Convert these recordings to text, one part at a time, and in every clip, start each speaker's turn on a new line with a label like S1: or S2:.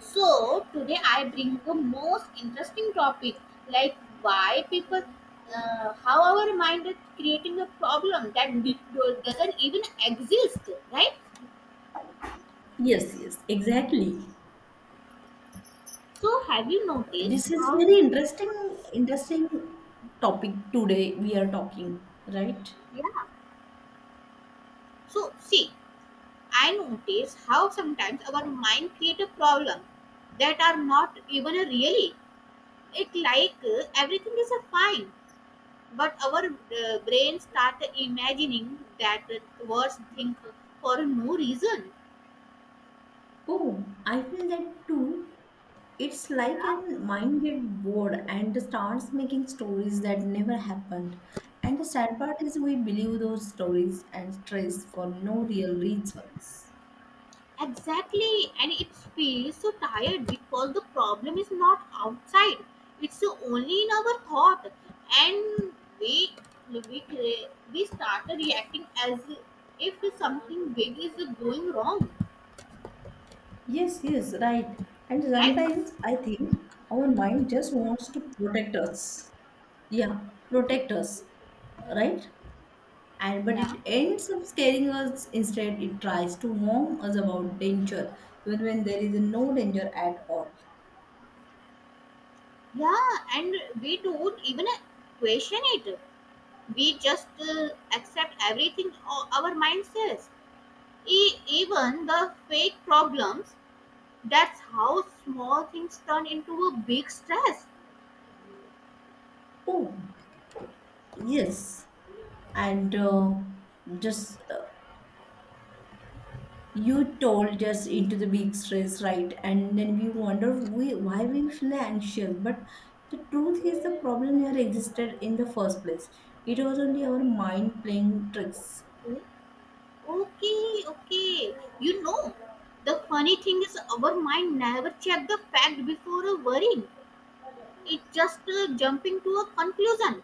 S1: So today I bring the most interesting topic, like why people, how our mind is creating a problem that doesn't even exist, right?
S2: Yes, yes, exactly.
S1: So have you noticed
S2: This is
S1: how?
S2: very interesting topic today we are talking, right?
S1: Yeah. So see, I notice how sometimes our mind create a problem that are not even a really. It like everything is a fine. But our brains start imagining that worst thing for no reason.
S2: Oh, I feel that too. It's like
S1: Yeah.
S2: an mind get bored and starts making stories that never happened. And the sad part is we believe those stories and stress for no real reasons.
S1: Exactly, and it feels so tired because the problem is not outside; it's only in our thought, and we we start reacting as if something big is going wrong,
S2: Yes, yes, right. And
S1: right?
S2: sometimes I think our mind just wants to protect us. Yeah, protect us, right? And but
S1: Yeah.
S2: it ends up scaring us instead. It tries to warn us about danger even when there is no danger at all.
S1: Yeah, and we don't even question it. We just accept everything our mind says, even the fake problems. That's how small things turn into a big stress.
S2: Oh, yes, and just you told us into the big stress, right? And then why we feel anxious, but the truth is the problem never existed in the first place. It was only our mind playing tricks.
S1: O- okay, okay, the funny thing is our mind never check the fact before a worrying. It just jumping to a conclusion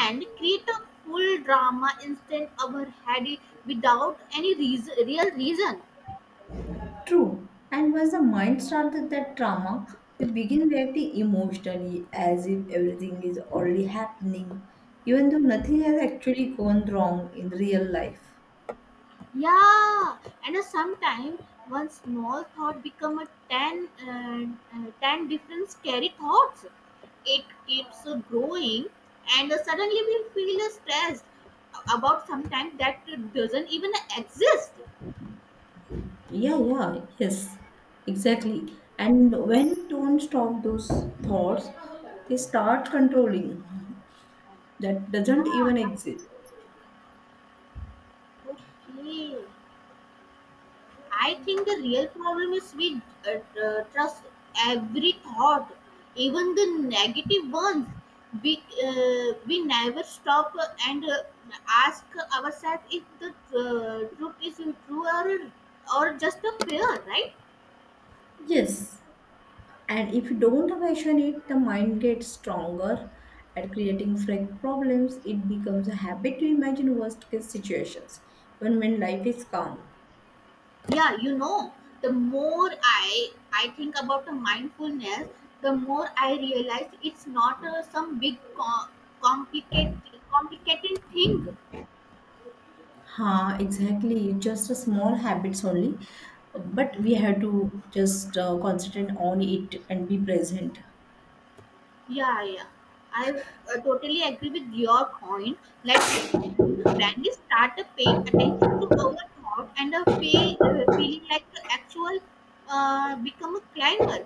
S1: and create a full drama inside our head without any reason, real reason.
S2: True. And once the mind starts with that trauma, we begin reacting emotionally as if everything is already happening, even though nothing has actually gone wrong in real life.
S1: Yeah, and sometimes one small thought become a ten different scary thoughts. It keeps growing, and suddenly we feel stressed about sometimes that doesn't even exist.
S2: Yeah, yeah, yes, exactly. And when we don't stop those thoughts, they start controlling. That
S1: Yeah,
S2: doesn't even
S1: yeah,
S2: exist.
S1: okay. I think the real problem is we trust every thought, even the negative ones. We we never stop and ask ourselves if the truth is true or just a fear, right?
S2: Yes. And if you don't question it, the mind gets stronger at creating fake problems. It becomes a habit to imagine worst case situations, even when life is calm.
S1: Yeah, you know, the more I think about the mindfulness, the more I realize it's not some big complicated complicated thing.
S2: Ha, exactly. Just a small habits only, but we have to just concentrate on it and be present.
S1: Yeah, yeah. I totally agree with your point. Like, when we start paying attention to our thought and a feeling like the actual become a climber.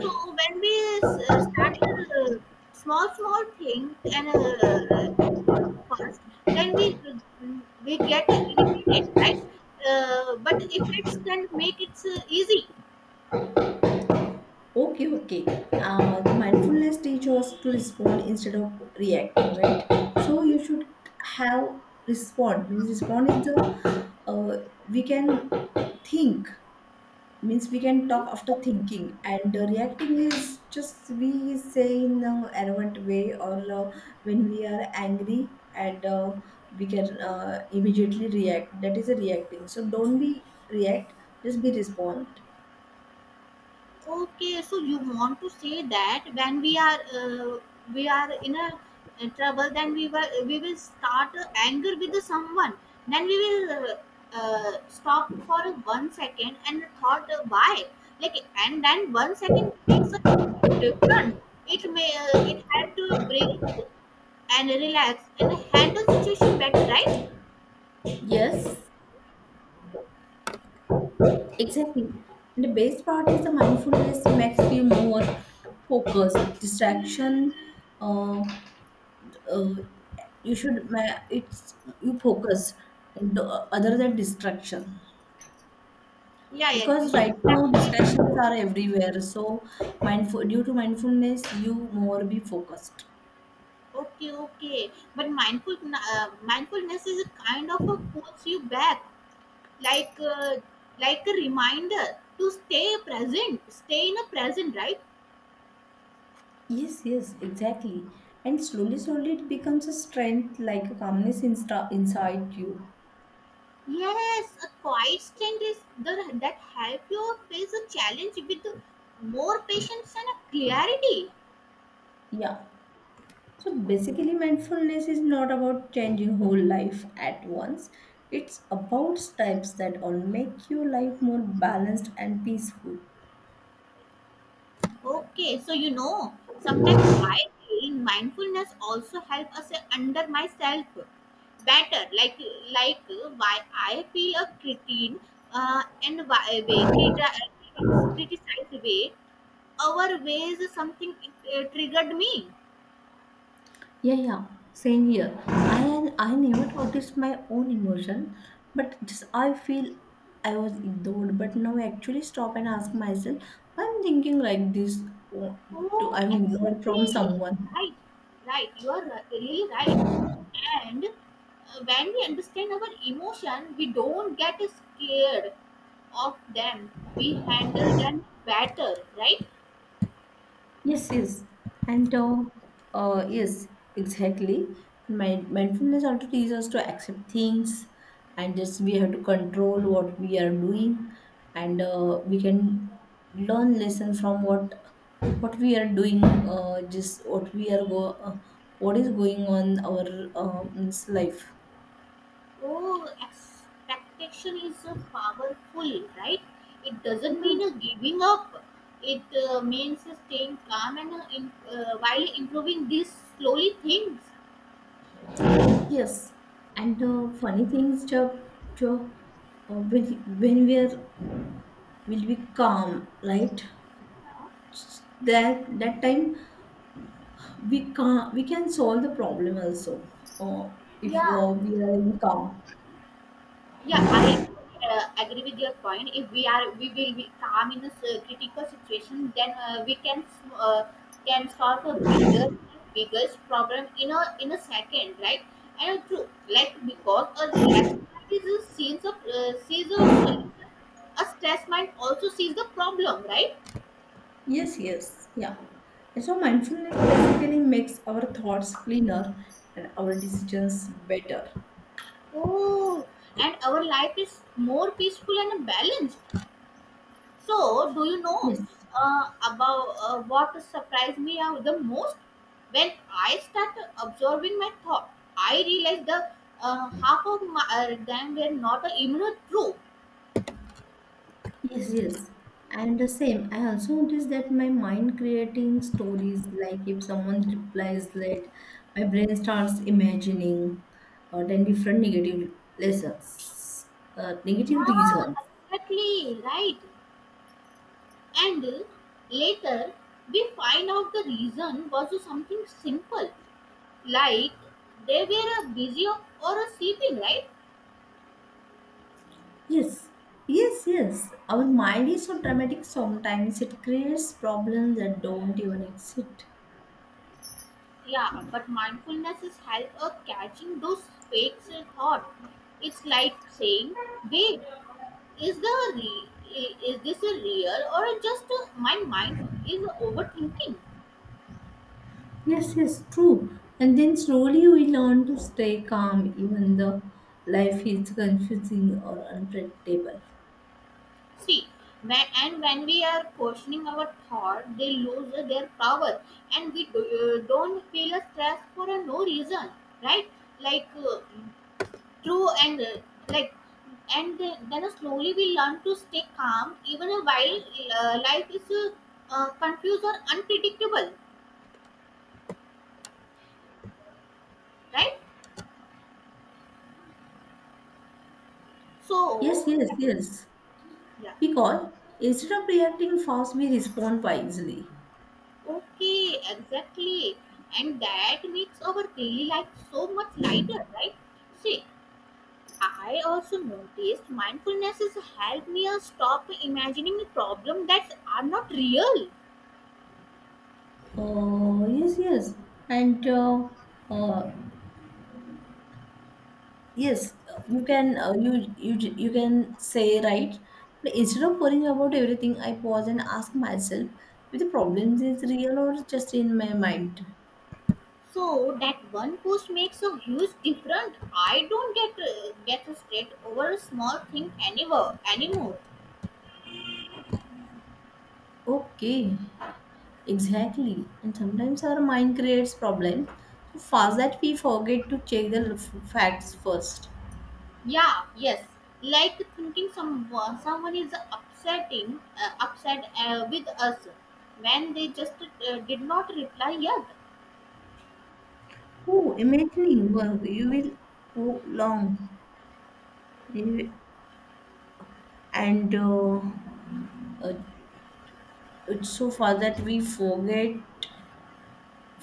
S1: So when we started small thing and uh, first, then we get irritated, right? But if it's can make it easy,
S2: Okay, okay. The mindfulness teaches us to respond instead of reacting, right? So
S1: okay?
S2: you should have respond. Means respond is the we can think. Means we can talk after thinking, and reacting is just we say in an arrogant way or when we are angry and we can immediately react. That is a reacting. So don't be react. Just be respond.
S1: Okay, so you want to say that when we are in a trouble, then we will start anger with the someone. Then we will stop for 1 second and thought why, like, and then 1 second makes a difference. It may it help to breathe and relax and handle situation better, right?
S2: Yes, exactly. And the best part is the mindfulness makes you more focused. Distraction, uh, uh, you should it's you focus and other than distraction,
S1: Yeah, yeah.
S2: because
S1: This
S2: right now
S1: this makes
S2: distractions
S1: more.
S2: are everywhere. So mindful due to mindfulness, you more be focused.
S1: Okay, okay. But mindfulness is a kind of a pulls you back, like like a reminder to stay present, stay in a present, right?
S2: Yes, yes, exactly. And slowly, slowly, it becomes a strength like a calmness inside you.
S1: Yes, a quiet stand is that help you face a challenge with more patience and a clarity.
S2: Yeah. So basically, mindfulness is not about changing whole life at once. It's about steps that all make your life more balanced and peaceful.
S1: Okay, so sometimes I feel mindfulness also help us under myself better. Like why I feel a critique and why way critics criticize way our ways something triggered me.
S2: Yeah, yeah, same here. I never noticed my own emotion, but just I feel I was ignored. But now I actually stop and ask myself, I'm thinking like this. Oh, to
S1: Oh,
S2: I'm ignored from
S1: exactly.
S2: someone.
S1: Right, right. You are really right. And when we understand our emotion, we don't get scared of them. We handle them better, right?
S2: Yes, yes, and yes, exactly. Mind mindfulness also teaches us to accept things, and just we have to control what we are doing, and we can learn lesson from what we are doing. Just what we what is going on our means life.
S1: Oh, expectation is powerful, right? It doesn't
S2: Hmm.
S1: mean giving up. It means staying calm and while improving these slowly things.
S2: Yes, and funny things, Job, Job, when we are will be calm, right? That that time we can solve the problem also uh, if
S1: Yeah.
S2: we are in calm.
S1: Yeah, I am, agree with your point. If we will be calm in a critical situation, then we can can solve a bigger, biggest problem in a second, right? And true, like because a relaxed mind is a sees a solution. A stressed mind also sees the problem, right?
S2: Yes, yes, yeah. And so mindfulness basically makes our thoughts cleaner and our decisions better.
S1: Oh, and our life is more peaceful and balanced. So, do you know
S2: Yes,
S1: about what surprised me the most? When I start observing my thought, I realized the half of my them were not even true.
S2: yes, yes. And the same, I also noticed that my mind creating stories, like if someone replies late, my brain starts imagining then different negative lessons, negative reasons.
S1: Yeah, exactly right. And later, we find out the reason was something simple, like they were busy or sleeping, right?
S2: Yes, yes, yes. Our mind is so dramatic sometimes it creates problems that don't even exist.
S1: Yeah, but mindfulness is help of catching those fakes in thought. It's like saying, "Babe, is the re- I- is this a real or just my mind is overthinking?"
S2: Yes, yes, true. And then slowly we learn to stay calm even the life is confusing or unpredictable.
S1: See, and when we are questioning our thought, they lose their power, and we don't feel a stress for a no reason, right? Like uh, True, and like, and then slowly we learn to stay calm even while life is confused or unpredictable, right?
S2: Yes,
S1: So,
S2: yes, yes.
S1: yeah,
S2: Because instead of reacting fast, we respond wisely.
S1: okay, exactly, and that makes our daily life so much lighter, right? See, I also noticed mindfulness has helped me stop imagining problems that are not real.
S2: Oh, yes, yes. And uh, yes, you can you can say right. But instead of worrying about everything, I pause and ask myself if the problem is real or just in my mind.
S1: So that one post makes a huge difference. I don't get stressed over a small thing anymore. Anymore.
S2: Okay, exactly. And sometimes our mind creates problems so fast that we forget to check the facts first.
S1: Yeah. Yes. Like thinking someone is upset with us when they just did not reply yet.
S2: Oh, imagining work you will go long, You- and uh, it's so far that we forget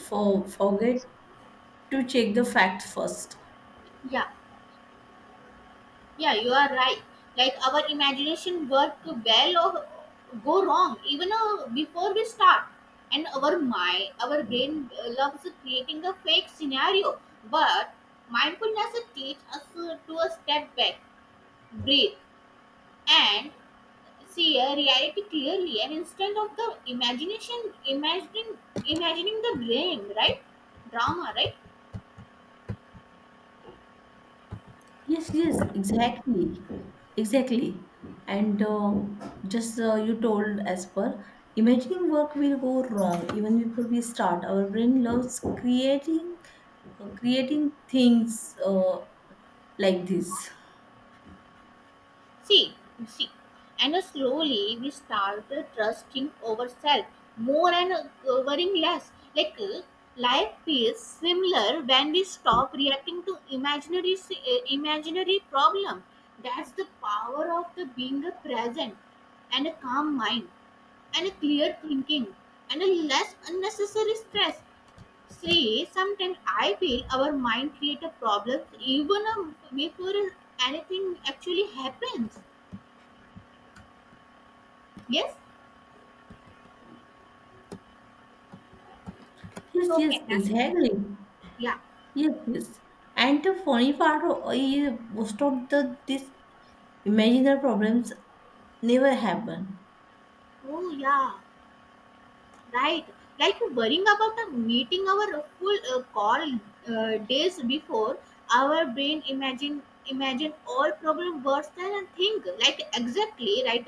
S2: for forget to check the facts first.
S1: Yeah. Yeah, you are right. Like our imagination work to well or go wrong even before we start. And our mind, our brain loves creating a fake scenario. But mindfulness teaches us to a step back, breathe, and see a reality clearly. And instead of the imagining the dream, right? Drama, right?
S2: Yes, yes, exactly, exactly. And just you told as per, imagining work will go wrong even before we start. Our brain loves creating things like this.
S1: See, see, and slowly we started trusting ourselves more and worrying less. Like life feels similar when we stop reacting to imaginary problem. That's the power of the being a present and a calm mind and a clear thinking and a less unnecessary stress. See, sometimes I feel our mind create a problem even before anything actually happens. Yes.
S2: Yes,
S1: So
S2: yes,
S1: can I?
S2: exactly.
S1: Yeah.
S2: Yes, yes. And the funny part is most of the these imaginary problems never happen.
S1: Oh yeah. Right. Like worrying about a meeting our full call days before, our brain imagine all problem worse than a thing. Like exactly right.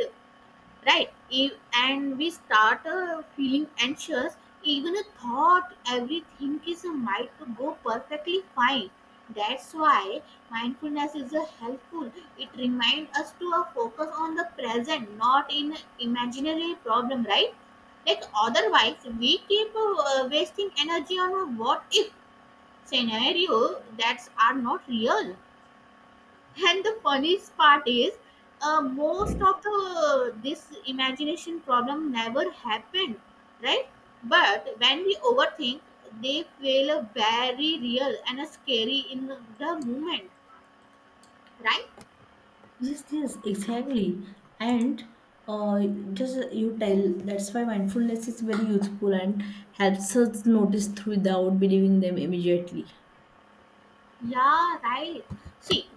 S1: Right. And we start feeling anxious even a thought everything is might go perfectly fine. That's why mindfulness is helpful. It reminds us to focus on the present, not in imaginary problem, right? Like otherwise we keep wasting energy on a what if scenario that are not real. And the funniest part is, most of the this imagination problem never happened, right? But when we overthink, they feel a very real and a scary in the moment, right?
S2: Yes, yes, exactly. And uh, just you tell that's why mindfulness is very useful and helps us notice without believing them immediately.
S1: Yeah, right. See,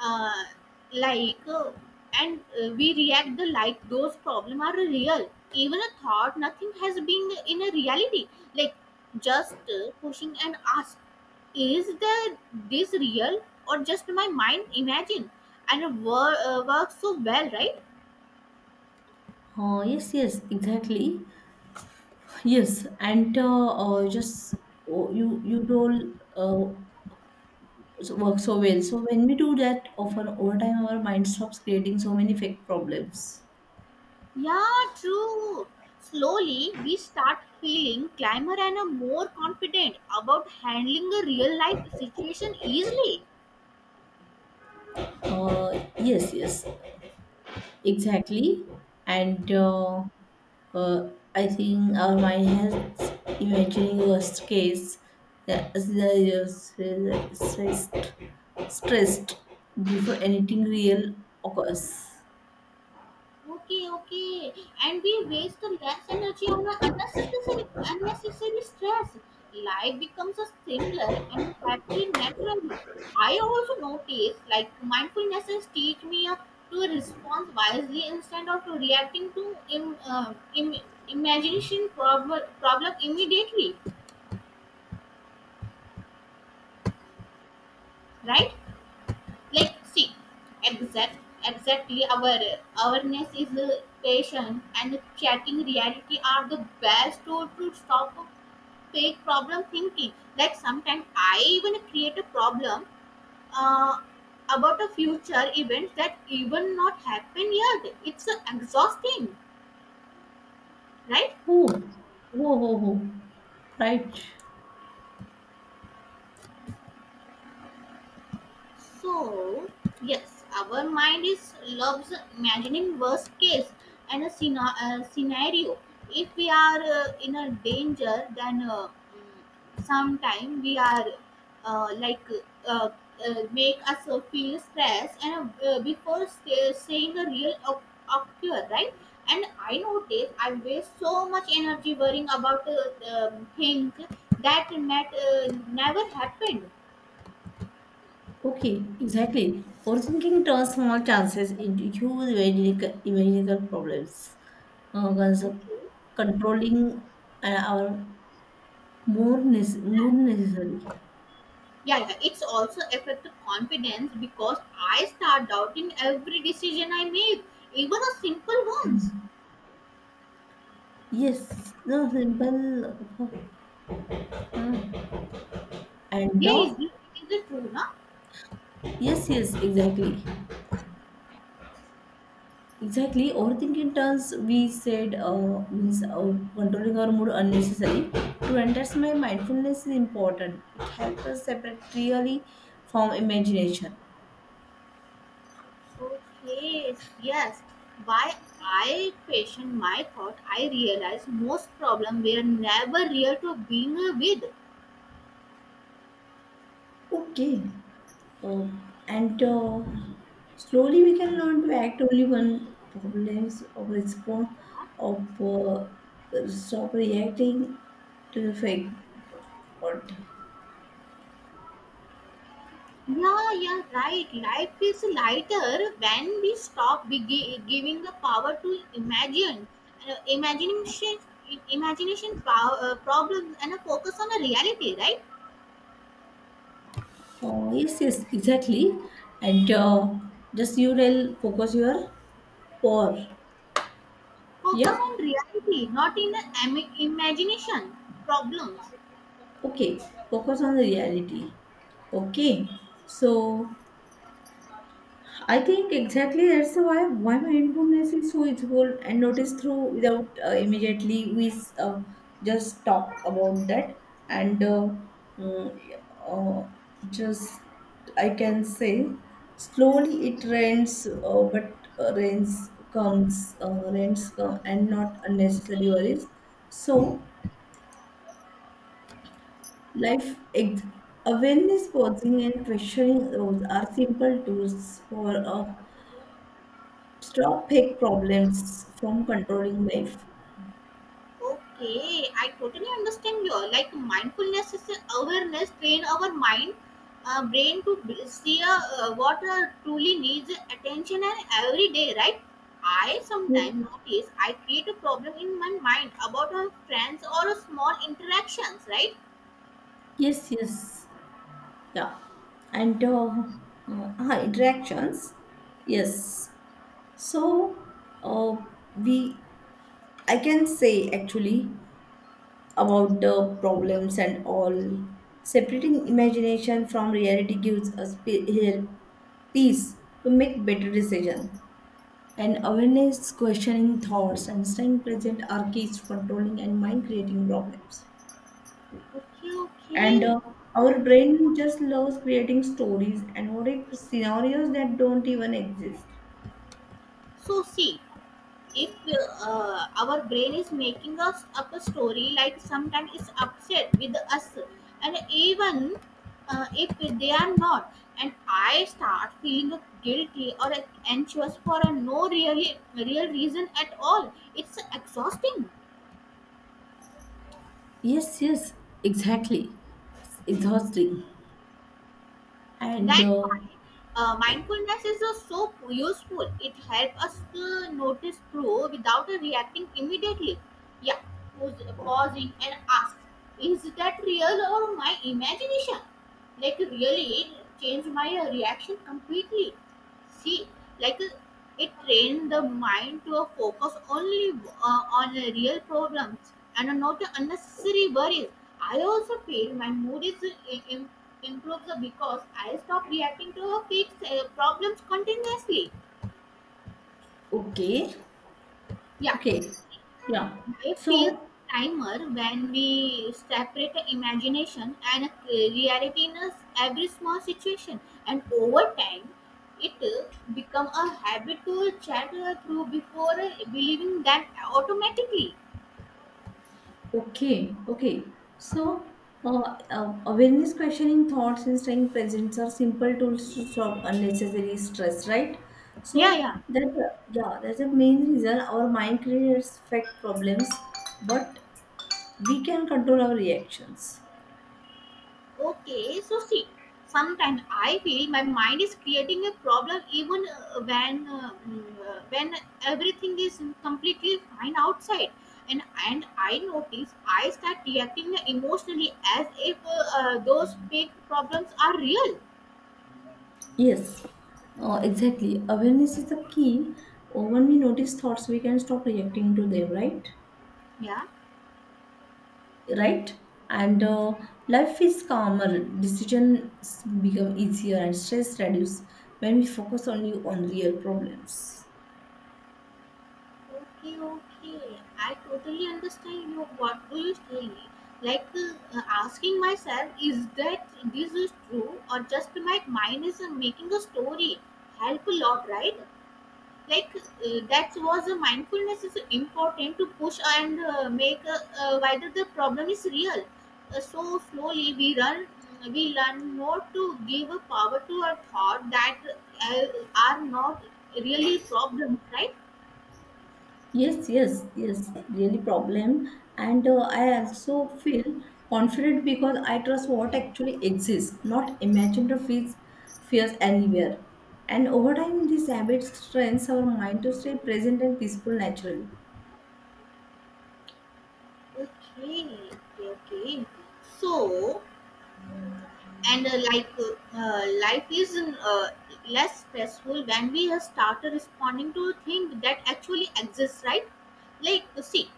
S1: uh, like and we react the like those problem are real even a thought nothing has been in a reality, like just pushing and ask is the this real or just my mind imagine, and works so well, right?
S2: Yes, yes, exactly. Yes, and just oh, you told uh, work so well. So when we do that, often over time our mind stops creating so many fake problems.
S1: Yeah, true. Slowly we start feeling climber and are more confident about handling a real life situation easily.
S2: Yes, yes. Exactly. And uh, I think our mind has imagining worst case scenarios, stressed before anything real occurs.
S1: Okay, okay. And we waste the less energy on our unnecessary stress. Life becomes a simpler and happy naturally. I also notice like mindfulness has teach me to respond wisely instead of reacting to imagination problem immediately, right? Like see exact exactly our awareness is patient and checking reality are the best tool to stop fake problem thinking, like sometimes I even create a problem uh, about a future event that even not happen yet, it's exhausting, right?
S2: Oh, whoa, whoa, whoa. Right.
S1: So, yes, our mind is loves imagining worst case and a scenario. If we are in a danger, then sometime we are uh, like uh, make us feel stress and before saying a real occur, right? And I notice I waste so much energy worrying about things that never happened.
S2: Okay, exactly. Overthinking turns small chances into huge imaginative problems. Uh, cons-
S1: Okay.
S2: controlling our more mood necessary.
S1: Yeah, yeah. It's also affected confidence because I start doubting every decision I make, even a simple ones.
S2: Yes, no simple uh, and
S1: Yeah, is it true, na?
S2: yes, yes, exactly, exactly. Overthinking turns we said means controlling our mood unnecessary. To understand my mindfulness is important. It helps us separate really from imagination.
S1: Okay, yes. Why I question my thought, I realize most problem were never real to being with.
S2: Okay. Uh, and slowly we can learn to act only when problems or respond of stop reacting to the fake world.
S1: Yeah, yeah, right. Life is lighter when we stop giving the power to imagine, imagination, imagination pow- problems, and a focus on the reality, right?
S2: Oh, yes, yes, exactly. And just you will focus your or
S1: Focus
S2: yeah,
S1: on reality, not in the imagination problems.
S2: okay, focus on the reality. Okay, so I think exactly that's why mindfulness is so useful and notice through without immediately we uh, just talk about that and mm, uh, just I can say slowly it rains but rains comes rains come and not unnecessary worries, so life ex- awareness pausing and questioning, those are simple tools for a stop fake problems from controlling life.
S1: Okay, I totally understand you. Like mindfulness is an awareness. Train our brain to see a, what truly needs attention and every day, right? I sometimes notice I create a problem in my mind about our friends or a small interactions, right?
S2: Yes, yes. Yeah, and interactions. Yes, so uh, we I can say actually about the problems and all. Separating imagination from reality gives us here peace to make better decisions. And awareness, questioning thoughts, and staying present are keys to controlling and mind creating problems.
S1: Okay,
S2: And
S1: okay.
S2: our brain just loves creating stories and what if scenarios that don't even exist.
S1: So see, if our brain is making us up a story, like sometimes it's upset with us, and even if they are not, and I start feeling guilty or anxious for a no really real reason at all, it's exhausting.
S2: Yes, yes, exactly. It's exhausting. And
S1: That's why mindfulness is so useful. It helps us to notice through without reacting immediately. Yeah, pausing and ask, is that real or my imagination? Like really change my reaction completely. See, like it trained the mind to focus only on real problems and not unnecessary worries. I also feel my mood is improves because I stop reacting to fixed problems continuously.
S2: okay,
S1: Yeah,
S2: okay, yeah.
S1: I feel
S2: So
S1: timer when we separate the imagination and reality in us every small situation, and over time, it become a habit to chat through before believing that automatically.
S2: okay, okay, so awareness questioning thoughts and staying present are simple tools to stop unnecessary stress, right?
S1: Yeah,
S2: So
S1: yeah.
S2: that yeah, that's the main reason our mind creates fake problems, but we can control our reactions.
S1: Okay, so see, sometimes I feel my mind is creating a problem even when everything is completely fine outside, and I notice I start reacting emotionally as if those fake problems are real.
S2: Yes, exactly. Awareness is the key. When we notice thoughts, we can stop reacting to them, right?
S1: Yeah.
S2: Right? And life is calmer, decisions become easier, and stress reduces when we focus only on real problems.
S1: Okay, okay. I totally understand you. What do you feel? Like asking myself, is that this is true or just my mind is making a story? Help a lot, right? Like that was a mindfulness is important to push and make whether the problem is real. So slowly we run, we learn not to give a power to a thought that are not really problem, right?
S2: Yes, yes, yes, really problem. And I also feel confident because I trust what actually exists, not imagined or fears, fears anywhere. And over time, these habits strengthens our mind to stay present and peaceful naturally.
S1: Okay, okay. So, and like life is less stressful when we have started responding to things that actually exist, right? Like, see,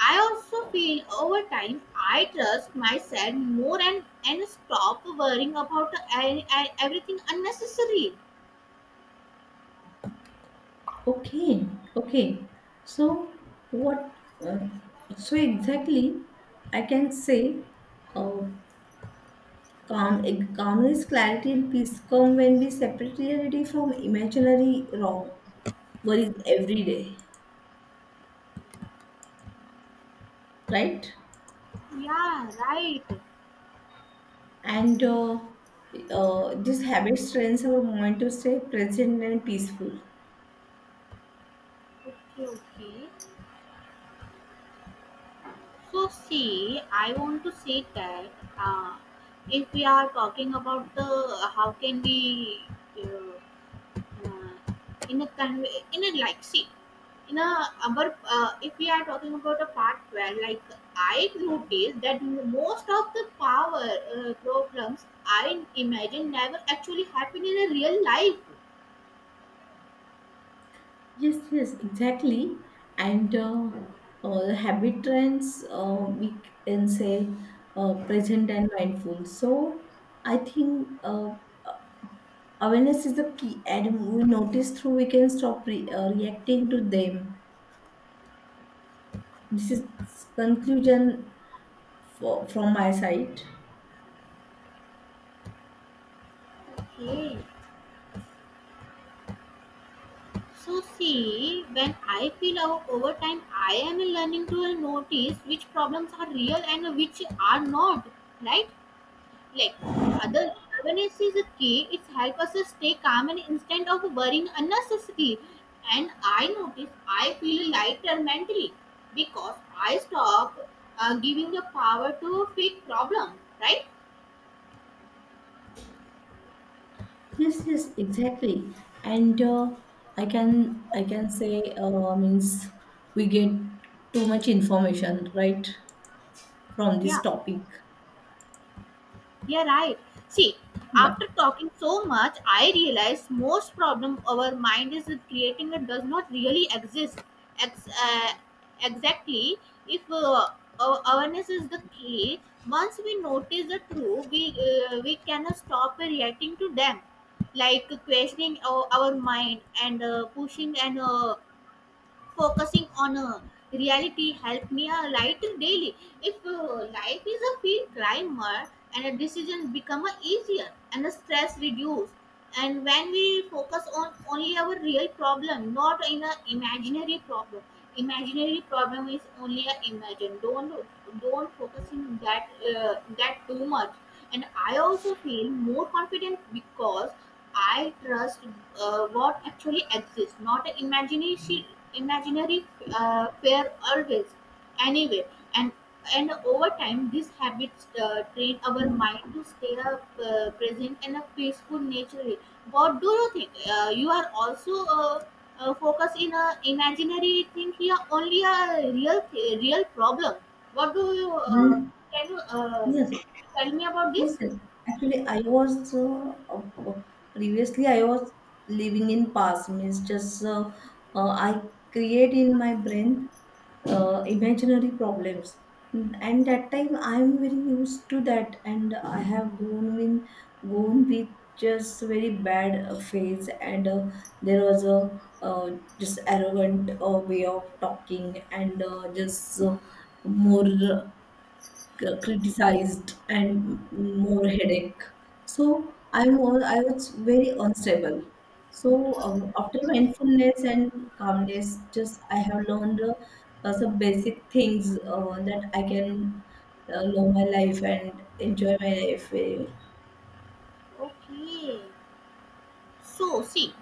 S1: I also feel over time I trust myself more and stop worrying about everything unnecessary.
S2: Okay, okay. So what? Uh, so exactly, I can say, uh, calm, calmness, clarity, and peace come when we separate reality from imaginary wrong worries every day, right?
S1: Yeah, right.
S2: And this habit trains our mind to stay present and peaceful.
S1: Okay, okay. So see, I want to say that uh, if we are talking about the how can we uh, uh, in a conve- in a like see in a our if we are talking about a part where like I noticed that most of the power problems I imagine never actually happen in a real life.
S2: Yes, yes, exactly. And the habit trends, we can say present and mindful. So I think awareness is the key, and we notice through we can stop reacting to them. This is conclusion for, from my side.
S1: Okay. So see, when I feel out over time, I am learning to notice which problems are real and which are not. Right? Like other awareness is a key. It helps us to stay calm and instead of worrying unnecessarily. And I notice I feel lighter mentally because I stop giving the power to fake problem. Right?
S2: Yes, yes, exactly. And I can say means we get too much information right from this
S1: Yeah.
S2: topic.
S1: Yeah, right. See,
S2: Yeah.
S1: after talking so much, I realize most problem our mind is creating it does not really exist. Ex- uh, exactly, if awareness is the key, once we notice the truth, we cannot stop reacting to them, like questioning our mind and pushing and focusing on a reality help me a light daily. If life is a field climber and a decision become a easier and the stress reduced. And when we focus on only our real problem, not in a imaginary problem. Imaginary problem is only a imagine. Don't focus in that too much. And I also feel more confident because I trust what actually exists, not an imagination, imaginary fear always, anyway. And and over time, these habits train our mind to stay present and a peaceful naturally. What do you think? You are also focused in a imaginary thing here, only a real problem. What do you
S2: Mm.
S1: can you
S2: Yes.
S1: tell me about
S2: Yes,
S1: this?
S2: yes. Actually, I was previously I was living in past means just I create in my brain imaginary problems, and that time I'm very used to that, and I have gone with just very bad phase, and there was a just arrogant way of talking, and just more criticized and more headache. So I was very unstable. So after mindfulness and calmness, just I have learned some basic things that I can live my life and enjoy my life. Very well.
S1: Okay, so see.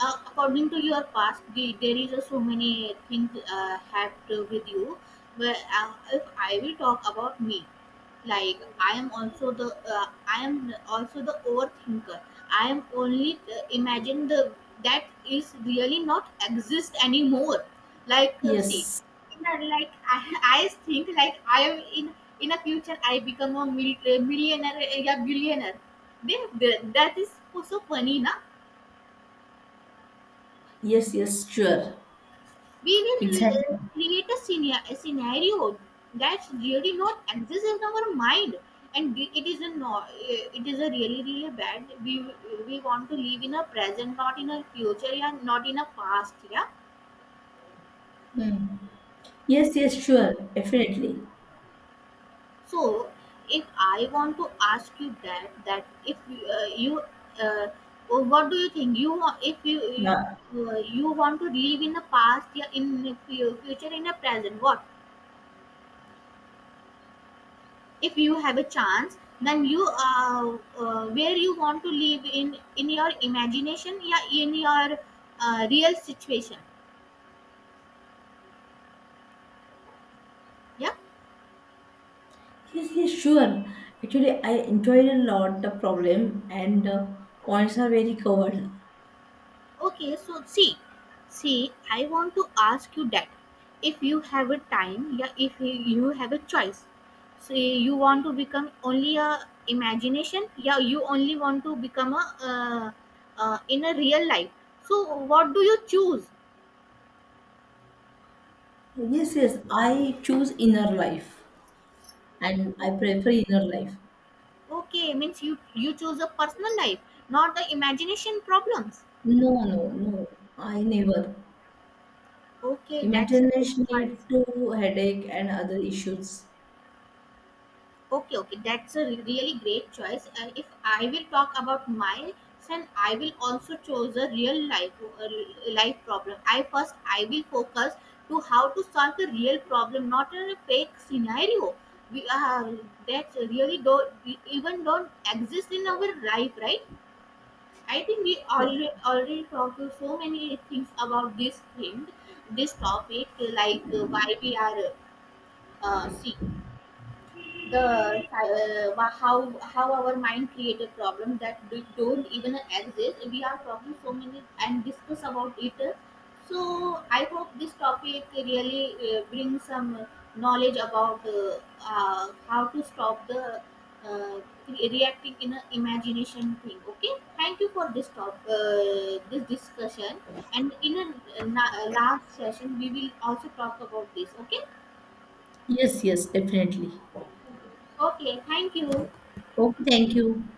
S1: According to your past the, there is a so many things had to with you but if I will talk about me like I am also the I am also the overthinker. I am only imagine the that is really not exist anymore, like see
S2: Yes,
S1: in a, like I think like I am in a future I become a millionaire yeah billionaire, that is so funny na.
S2: yes, yes, sure, exactly.
S1: Create a, a scenario that's really not exists in our mind, and it is a it is a really really bad. We want to live in a present, not in a future, yeah, not in a past, yeah.
S2: Hmm. Yes, yes, sure, definitely.
S1: So if I want to ask you that that if you uh, oh, what do you think if
S2: Yeah.
S1: you want to live in the past, yeah, in future in the present, what if you have a chance then you where you want to live in your imagination, yeah, in your real situation, yeah.
S2: Yes, yes, sure. Actually, I enjoyed a lot the problem and points are very covered.
S1: Okay, so see. See, I want to ask you that if you have a time, yeah, if you have a choice. See, you want to become only a imagination, yeah, you only want to become a uh, in a real life, so what do you choose?
S2: Yes, yes, I choose inner life and I prefer inner life.
S1: Okay, means you you choose a personal life, not the imagination problems.
S2: No, no, no, I never.
S1: Okay, that's a great
S2: Imagination
S1: choice.
S2: lead to headache and other issues.
S1: Okay, okay, that's a really great choice. And if I will talk about my son, I will also choose a real life a life problem. I first I will focus to how to solve the real problem, not in a fake scenario. We That really don't exist in our life, right? I think we
S2: Yes,
S1: already talked to so many things about this thing, this topic, like why we are uh, the how our mind created problems that don't even exist. We are talking so many and discuss about it, so I hope this topic really brings some knowledge about how to stop the uh, reacting in a imagination thing. Okay, thank you for this discussion, and in a, last session we will also talk about this, okay.
S2: yes, yes, definitely.
S1: Okay, thank you.
S2: Okay, thank you.